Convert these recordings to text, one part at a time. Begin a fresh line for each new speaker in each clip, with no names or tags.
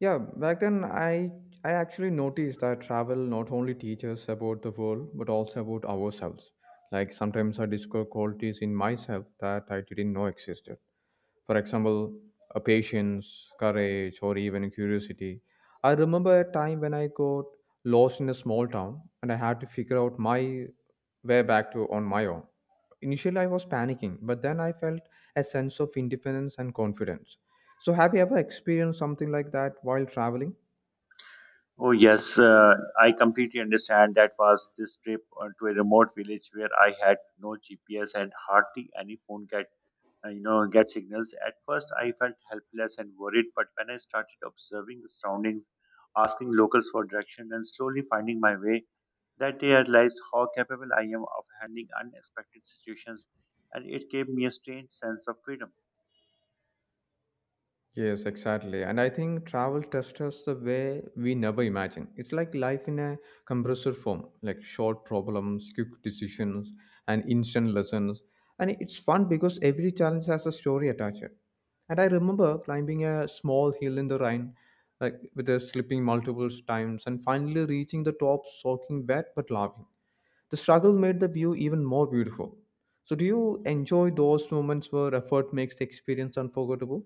Yeah, back then I actually noticed that travel not only teaches about the world but also about ourselves. Like sometimes I discover qualities in myself that I didn't know existed. For example, a patience, courage, or even curiosity. I remember a time when I got lost in a small town and I had to figure out my way back to on my own. Initially, I was panicking, but then I felt a sense of independence and confidence. So, have you ever experienced something like that while traveling?
Oh, yes, I completely understand. That was this trip to a remote village where I had no GPS and hardly any phone get you know get signals. At first, I felt helpless and worried, but when I started observing the surroundings, asking locals for direction, and slowly finding my way, that day I realized how capable I am of handling unexpected situations, and it gave me a strange sense of freedom.
Yes, exactly. And I think travel tests us the way we never imagined. It's like life in a compressor form, like short problems, quick decisions, and instant lessons. And it's fun because every challenge has a story attached. And I remember climbing a small hill in the rain, like with a slipping multiple times, and finally reaching the top, soaking wet but laughing. The struggle made the view even more beautiful. So, do you enjoy those moments where effort makes the experience unforgettable?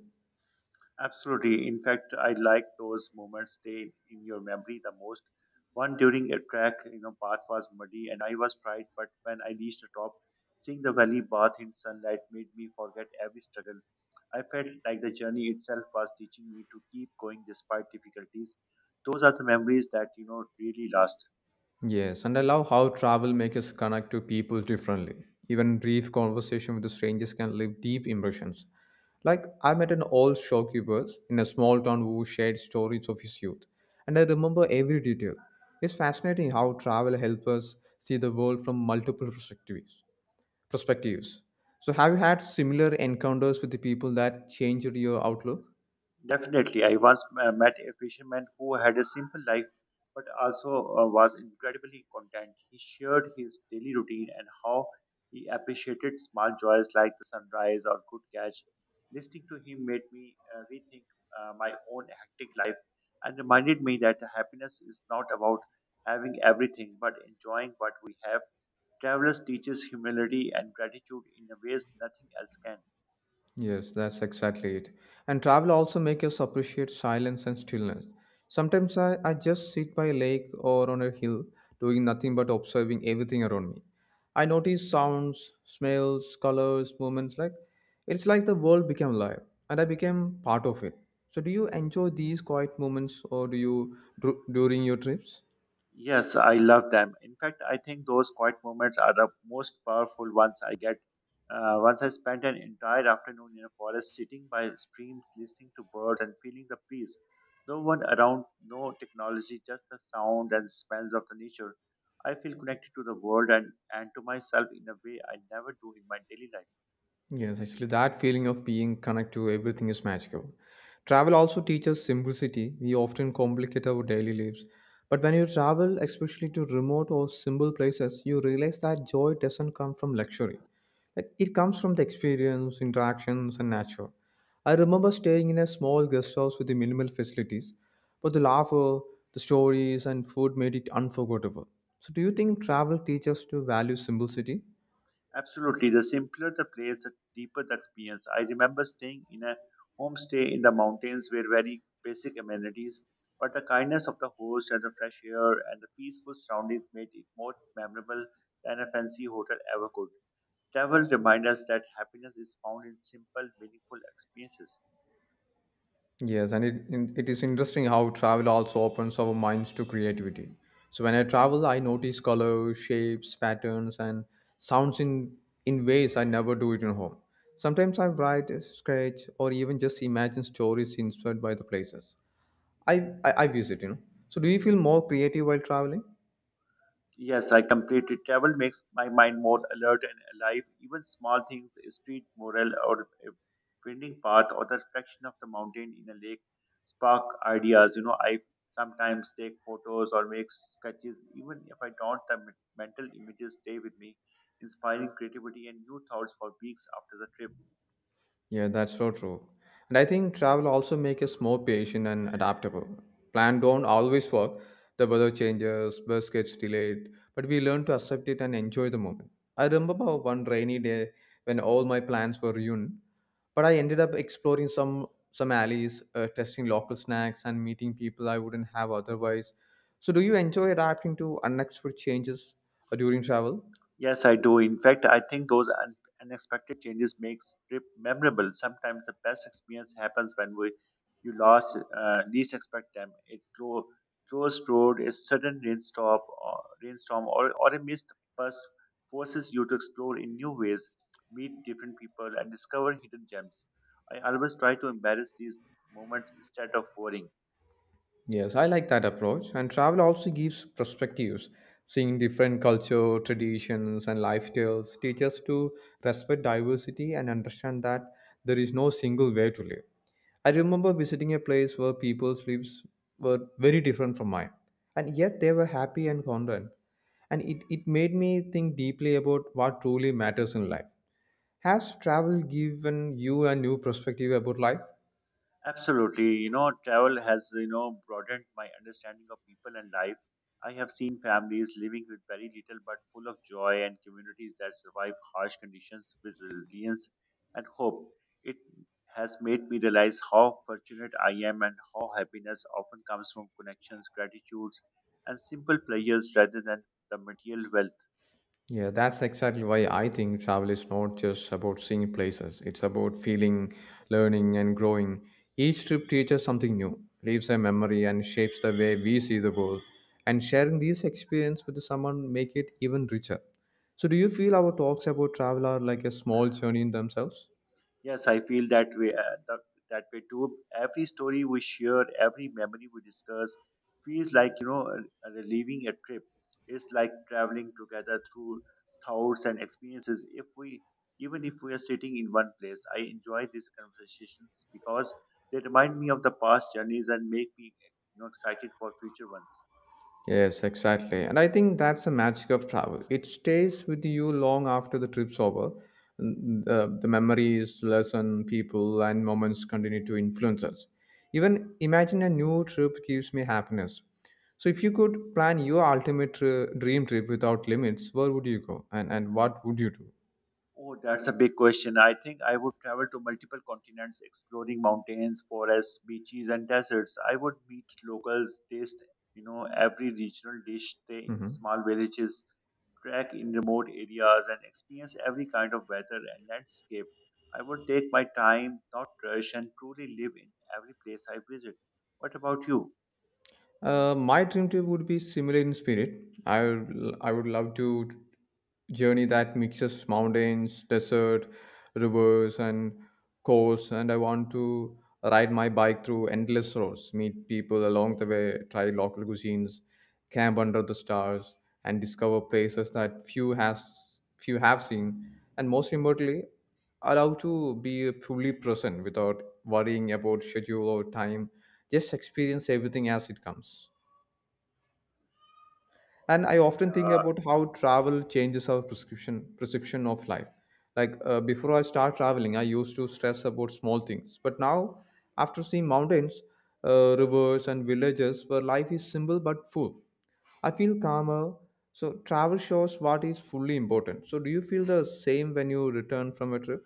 Absolutely. In fact, I like those moments stay in your memory the most. One during a track, path was muddy and I was tired, but when I reached the top, seeing the valley bath in sunlight made me forget every struggle. I felt like the journey itself was teaching me to keep going despite difficulties. Those are the memories that, really last.
Yes, and I love how travel makes us connect to people differently. Even brief conversation with the strangers can leave deep impressions. Like I met an old shopkeeper in a small town who shared stories of his youth, and I remember every detail. It's fascinating how travel helps us see the world from multiple perspectives. So, have you had similar encounters with the people that changed your outlook?
Definitely, I once met a fisherman who had a simple life but also was incredibly content. He shared his daily routine and how he appreciated small joys like the sunrise or good catch. Listening to him made me rethink my own hectic life and reminded me that happiness is not about having everything but enjoying what we have. Travelers teaches humility and gratitude in ways nothing else can.
Yes, that's exactly it. And travel also makes us appreciate silence and stillness. Sometimes I just sit by a lake or on a hill, doing nothing but observing everything around me. I notice sounds, smells, colors, movements like it's like the world became alive and I became part of it. So do you enjoy these quiet moments or during your trips?
Yes, I love them. In fact, I think those quiet moments are the most powerful ones I get. Once I spent an entire afternoon in a forest sitting by streams, listening to birds and feeling the breeze. No one around, no technology, just the sound and smells of the nature. I feel connected to the world and to myself in a way I never do in my daily life.
Yes, actually, that feeling of being connected to everything is magical. Travel also teaches simplicity. We often complicate our daily lives. But when you travel, especially to remote or simple places, you realize that joy doesn't come from luxury. Like, it comes from the experience, interactions, and nature. I remember staying in a small guest house with the minimal facilities, but the laughter, the stories, and food made it unforgettable. So, do you think travel teaches to value simplicity?
Absolutely. The simpler the place, the deeper the experience. I remember staying in a homestay in the mountains where very basic amenities, but the kindness of the host and the fresh air and the peaceful surroundings made it more memorable than a fancy hotel ever could. Travel reminds us that happiness is found in simple, meaningful experiences.
Yes, and it is interesting how travel also opens our minds to creativity. So when I travel, I notice colors, shapes, patterns, and sounds in ways I never do it in home. Sometimes I write, sketch, or even just imagine stories inspired by the places I I visit. So do you feel more creative while traveling?
Yes, I completely. Travel makes my mind more alert and alive. Even small things, a street mural or a winding path or the reflection of the mountain in a lake spark ideas. I sometimes take photos or make sketches. Even if I don't, the mental images stay with me, inspiring creativity and new thoughts for weeks after the trip.
Yeah, that's so true. And I think travel also makes us more patient and adaptable. Plan don't always work. The weather changes, bus gets delayed, but we learn to accept it and enjoy the moment. I remember one rainy day when all my plans were ruined, but I ended up exploring some alleys, testing local snacks, and meeting people I wouldn't have otherwise. So, do you enjoy adapting to unexpected changes during travel?
Yes, I do. In fact, I think those unexpected changes makes trip memorable. Sometimes the best experience happens when we you lost least expect them. It closed road, a sudden rainstorm, or a missed bus forces you to explore in new ways, meet different people, and discover hidden gems. I always try to embrace these moments instead of worrying.
Yes, I like that approach. And travel also gives perspectives. Seeing different culture, traditions, and lifestyles teaches to respect diversity and understand that there is no single way to live. I remember visiting a place where people's lives were very different from mine, and yet they were happy and content. And it made me think deeply about what truly matters in life. Has travel given you a new perspective about life?
Absolutely. Travel has, broadened my understanding of people and life. I have seen families living with very little but full of joy and communities that survive harsh conditions with resilience and hope. It has made me realize how fortunate I am and how happiness often comes from connections, gratitudes, and simple pleasures rather than the material wealth.
Yeah, that's exactly why I think travel is not just about seeing places. It's about feeling, learning, and growing. Each trip teaches something new, leaves a memory, and shapes the way we see the world. And sharing these experience with someone make it even richer. So, do you feel our talks about travel are like a small journey in themselves?
Yes, I feel that way. That way too. Every story we share, every memory we discuss, feels like a relieving a trip. It's like traveling together through thoughts and experiences. If we, even if we are sitting in one place, I enjoy these conversations because they remind me of the past journeys and make me excited for future ones.
Yes, exactly. And I think that's the magic of travel. It stays with you long after the trip's over. The memories, lesson, people, and moments continue to influence us. Even imagine a new trip gives me happiness. So, if you could plan your ultimate dream trip without limits, where would you go and, what would you do?
Oh, that's a big question. I think I would travel to multiple continents, exploring mountains, forests, beaches, and deserts. I would meet locals, taste, every regional dish, stay in
Mm-hmm.
small villages, trek in remote areas, and experience every kind of weather and landscape. I would take my time, not rush, and truly live in every place I visit. What about you?
My dream trip would be similar in spirit. I would, I would love to journey that mixes mountains, desert, rivers, and coast. And I want to ride my bike through endless roads, meet people along the way, try local cuisines, camp under the stars, and discover places that few have seen. And most importantly, allow to be fully present without worrying about schedule or time, just experience everything as it comes. And I often think
Yeah,
about how travel changes our prescription perception of life, like before I start traveling I used to stress about small things, but now, after seeing mountains, rivers and villages where life is simple but full, I feel calmer. So travel shows what is fully important. So do you feel the same when you return from a trip?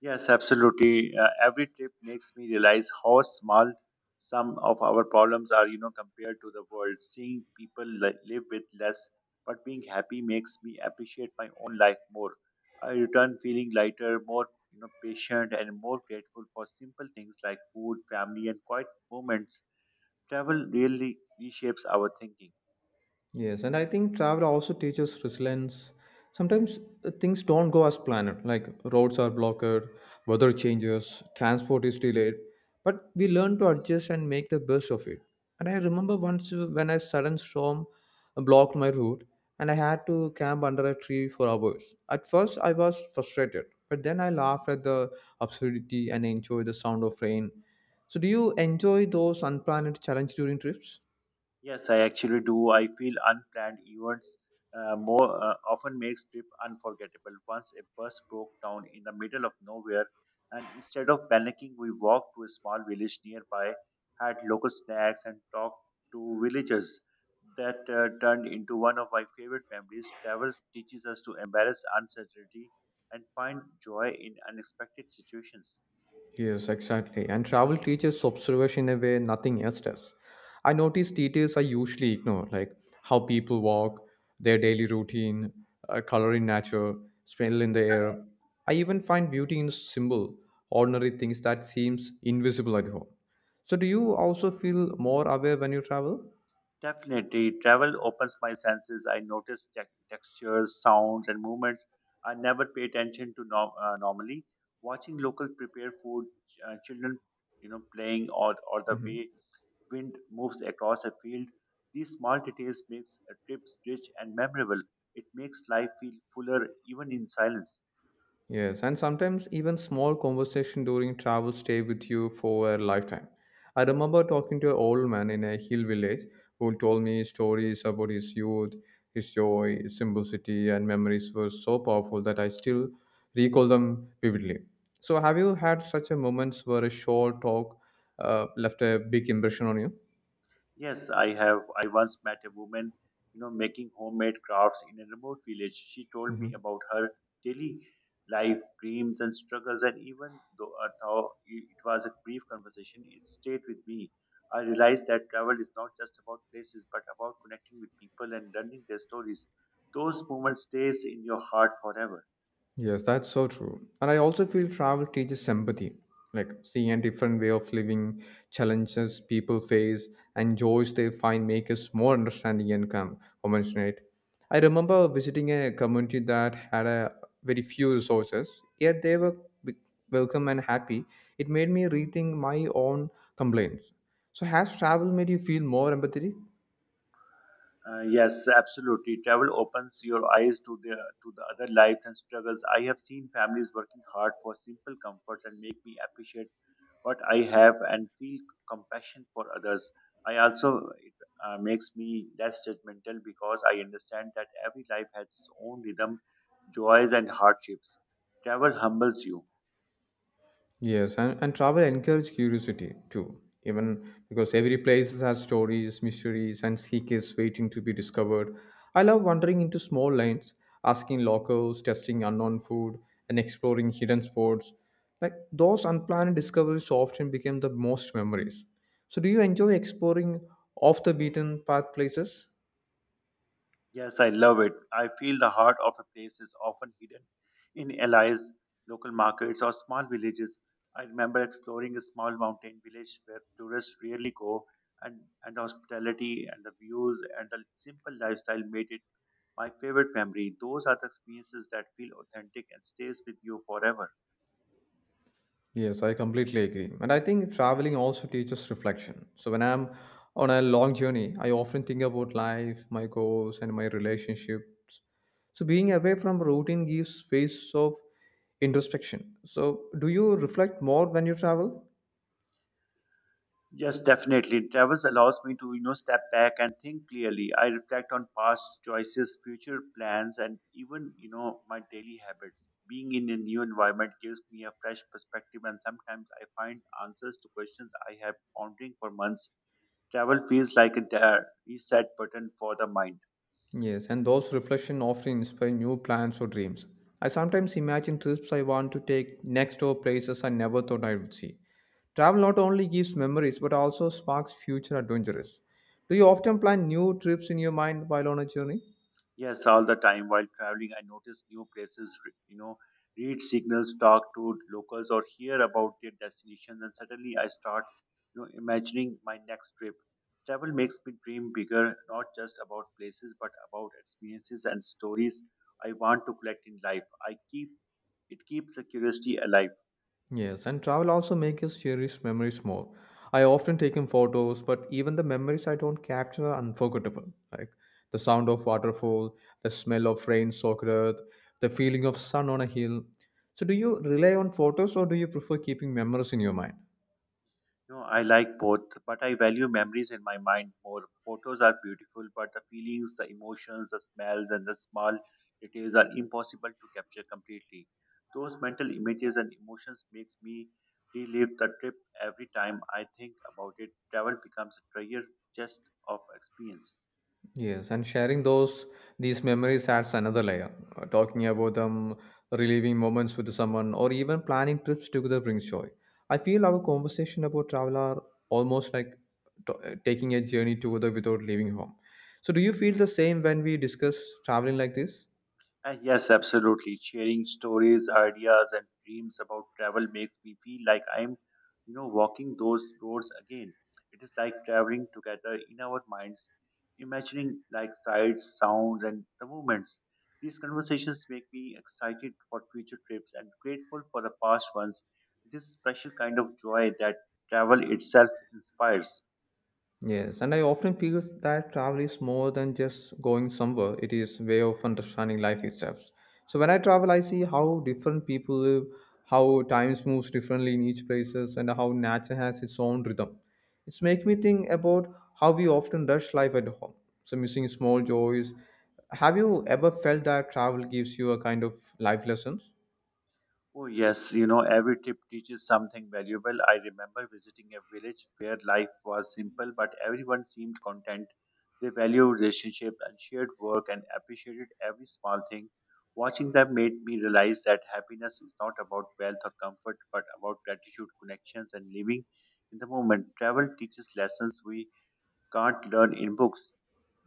yes, absolutely. Every trip makes me realize how small some of our problems are, compared to the world. Seeing people live with less but being happy makes me appreciate my own life more. I return feeling lighter, more, patient and more grateful for simple things like food, family and quiet moments. Travel really reshapes our thinking.
Yes, and I think travel also teaches resilience. Sometimes things don't go as planned, like roads are blocked, weather changes, transport is delayed, but we learn to adjust and make the best of it. And I remember once when a sudden storm blocked my route and I had to camp under a tree for hours. At first, I was frustrated, but then I laughed at the absurdity and enjoyed the sound of rain. So, do you enjoy those unplanned challenges during trips?
Yes, I actually do. I feel unplanned events more often makes trip unforgettable. Once a bus broke down in the middle of nowhere, and instead of panicking, we walked to a small village nearby, had local snacks, and talked to villagers. That turned into one of my favorite memories. Travel teaches us to embrace uncertainty and find joy in unexpected situations.
Yes, exactly. And travel teaches observation in a way nothing else does. I notice details I usually ignore, like how people walk, their daily routine, color in nature, smell in the air. I even find beauty in simple, ordinary things that seems invisible at home. So, do you also feel more aware when you travel?
Definitely, travel opens my senses. I notice textures, sounds, and movements I never pay attention to normally. Watching local prepare food, children, playing, or the
Mhm.
way wind moves across a field, these small details makes a trip rich and memorable. It makes life feel fuller even in silence.
Yes, and sometimes even small conversation during travel stay with you for a lifetime. I remember talking to an old man in a hill village who told me stories about his youth, his joy, his simplicity, and memories were so powerful that I still recall them vividly. So, have you had such a moments where a short talk left a big impression on you?
Yes, I have. I once met a woman, making homemade crafts in a remote village. She told me about her daily life, dreams, and struggles. And even though, it was a brief conversation, it stayed with me. I realized that travel is not just about places, but about connecting with people and learning their stories. Those moments stays in your heart forever.
Yes, that's so true. And I also feel travel teaches empathy, like seeing a different way of living, challenges people face, and joys they find make us more understanding and compassionate. I remember visiting a community that had a very few resources, yet they were be- welcome and happy. It made me rethink my own complaints. So, has travel made you feel more empathy?
Yes, absolutely. Travel opens your eyes to the other lives and struggles. I have seen families working hard for simple comforts and make me appreciate what I have and feel compassion for others. I also it makes me less judgmental because I understand that every life has its own rhythm, joys and hardships. Travel humbles you.
Yes, and travel encourages curiosity too, even because every place has stories, mysteries, and secrets waiting to be discovered. I love wandering into small lanes, asking locals, testing unknown food, and exploring hidden spots. Like those unplanned discoveries often become the most memories. So, do you enjoy exploring off the beaten path places?
Yes, I love it. I feel the heart of a place is often hidden in allies, local markets, or small villages. I remember exploring a small mountain village where tourists rarely go, and hospitality and the views and the simple lifestyle made it my favorite memory. Those are the experiences that feel authentic and stays with you forever.
Yes, I completely agree. And I think traveling also teaches reflection. So when I'm on a long journey, I often think about life, my goals, and my relationships. So being away from routine gives space of introspection. So do you reflect more when you travel?
Yes, definitely. Travels allows me to, step back and think clearly. I reflect on past choices, future plans, and even, my daily habits. Being in a new environment gives me a fresh perspective, and sometimes I find answers to questions I have pondering for months. Travel feels like a reset button for the mind.
Yes, and those reflections often inspire new plans or dreams. I sometimes imagine trips I want to take next or places I never thought I would see. Travel not only gives memories but also sparks future adventures. Do you often plan new trips in your mind while on a journey?
Yes, all the time while traveling, I notice new places, read signals, talk to locals, or hear about their destinations, and suddenly I start, imagining my next trip. Travel makes me dream bigger, not just about places, but about experiences and stories I want to collect in life. I keep it keeps the curiosity alive.
Yes, and travel also makes us cherish memories more. I often take in photos, but even the memories I don't capture are unforgettable. Like the sound of waterfall, the smell of rain soaked earth, the feeling of sun on a hill. So do you rely on photos or do you prefer keeping memories in your mind?
No, I like both, but I value memories in my mind more. Photos are beautiful, but the feelings, the emotions, the smells, and the small details are impossible to capture completely. Those mental images and emotions makes me relive the trip every time I think about it. Travel becomes a treasure chest of experiences.
Yes, and sharing those these memories adds another layer. Talking about them, reliving moments with someone, or even planning trips together brings joy. I feel our conversation about travel are almost like taking a journey together without leaving home. So, do you feel the same when we discuss traveling like this?
Yes, absolutely. Sharing stories, ideas, and dreams about travel makes me feel like I'm, walking those roads again. It is like traveling together in our minds, imagining like sights, sounds, and the movements. These conversations make me excited for future trips and grateful for the past ones. It is a special kind of joy that travel itself inspires.
Yes, and I often feel that travel is more than just going somewhere. It is way of understanding life itself. So when I travel, I see how different people live, how times moves differently in each places, and how nature has its own rhythm. It's make me think about how we often rush life at home, so missing small joys. Have you ever felt that travel gives you a kind of life lessons?
Oh, yes, every tip teaches something valuable. I remember visiting a village where life was simple, but everyone seemed content. They valued relationship and shared work and appreciated every small thing. Watching them made me realize that happiness is not about wealth or comfort, but about gratitude, connections, and living in the moment. Travel teaches lessons we can't learn in books.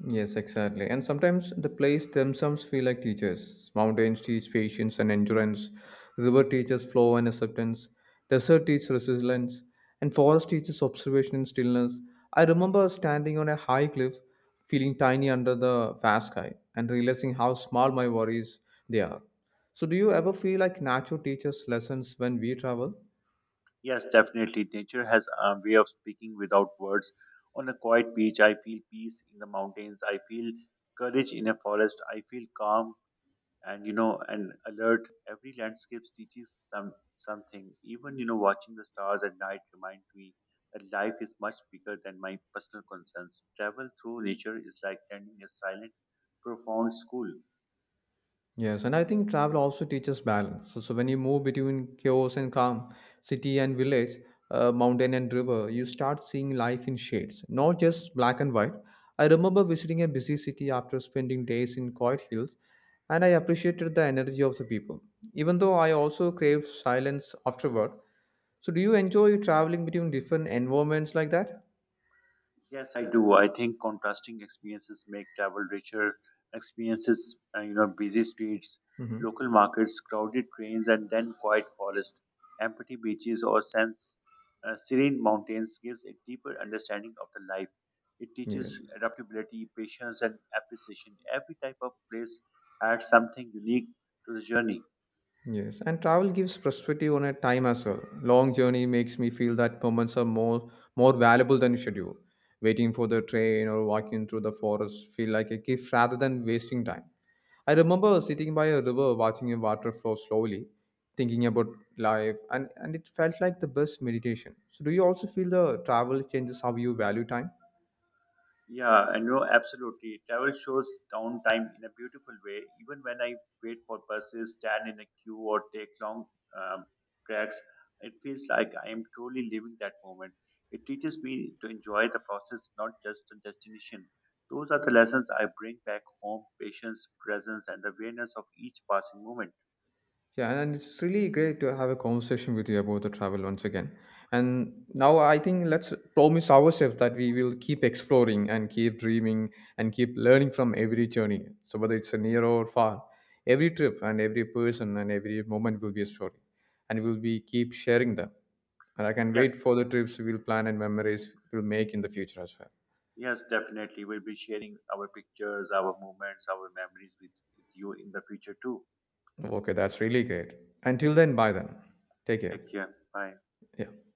Yes, exactly. And sometimes the place themselves feel like teachers. Mountains teach patience and endurance. River teaches flow and acceptance. Desert teaches resilience. And forest teaches observation and stillness. I remember standing on a high cliff, feeling tiny under the vast sky, and realizing how small my worries they are. So, do you ever feel like nature teaches lessons when we travel?
Yes, definitely. Nature has a way of speaking without words. On a quiet beach, I feel peace in the mountains. I feel courage in a forest. I feel calm and you know and alert. Every landscape teaches something. Even watching the stars at night remind me that life is much bigger than my personal concerns. Travel through nature is like attending a silent, profound school.
Yes, and I think travel also teaches balance. So when you move between chaos and calm, city and village, mountain and river, you start seeing life in shades, not just black and white. I remember visiting a busy city after spending days in quiet hills, and I appreciated the energy of the people, even though I also craved silence afterward. So, do you enjoy traveling between different environments like that?
Yes, I do. I think contrasting experiences make travel richer. Experiences, busy streets,
Hmm.
local markets, crowded trains, and then quiet forest, empty beaches, or sense serene mountains gives a deeper understanding of the life. It
Yes.
teaches adaptability, patience, and appreciation. Every type of place adds something unique to the journey.
Yes, and travel gives perspective on a time as well. Long journey makes me feel that moments are more valuable than schedule. Waiting for the train or walking through the forest feel like a gift rather than wasting time. I remember sitting by a river watching a water flow slowly, thinking about life, and, it felt like the best meditation. So, do you also feel the travel changes how you value time?
Yeah, and no, absolutely. Travel shows downtime in a beautiful way. Even when I wait for buses, stand in a queue, or take long um, tracks, it feels like I am truly living that moment. It teaches me to enjoy the process, not just the destination. Those are the lessons I bring back home patience, presence, and awareness of each passing moment.
Yeah, and it's really great to have a conversation with you about the travel once again. And now I think let's promise ourselves that we will keep exploring and keep dreaming and keep learning from every journey. So whether it's a near or far, every trip and every person and every moment will be a story. And we'll be keep sharing them. And I can
Yes,
wait for the trips we'll plan and memories we'll make in the future as
yes, definitely. We'll be sharing our pictures, our moments, our memories with you in the future too.
well. Okay, that's really great. Until then, bye then. Take
Take
care.
care. Bye.
Yeah.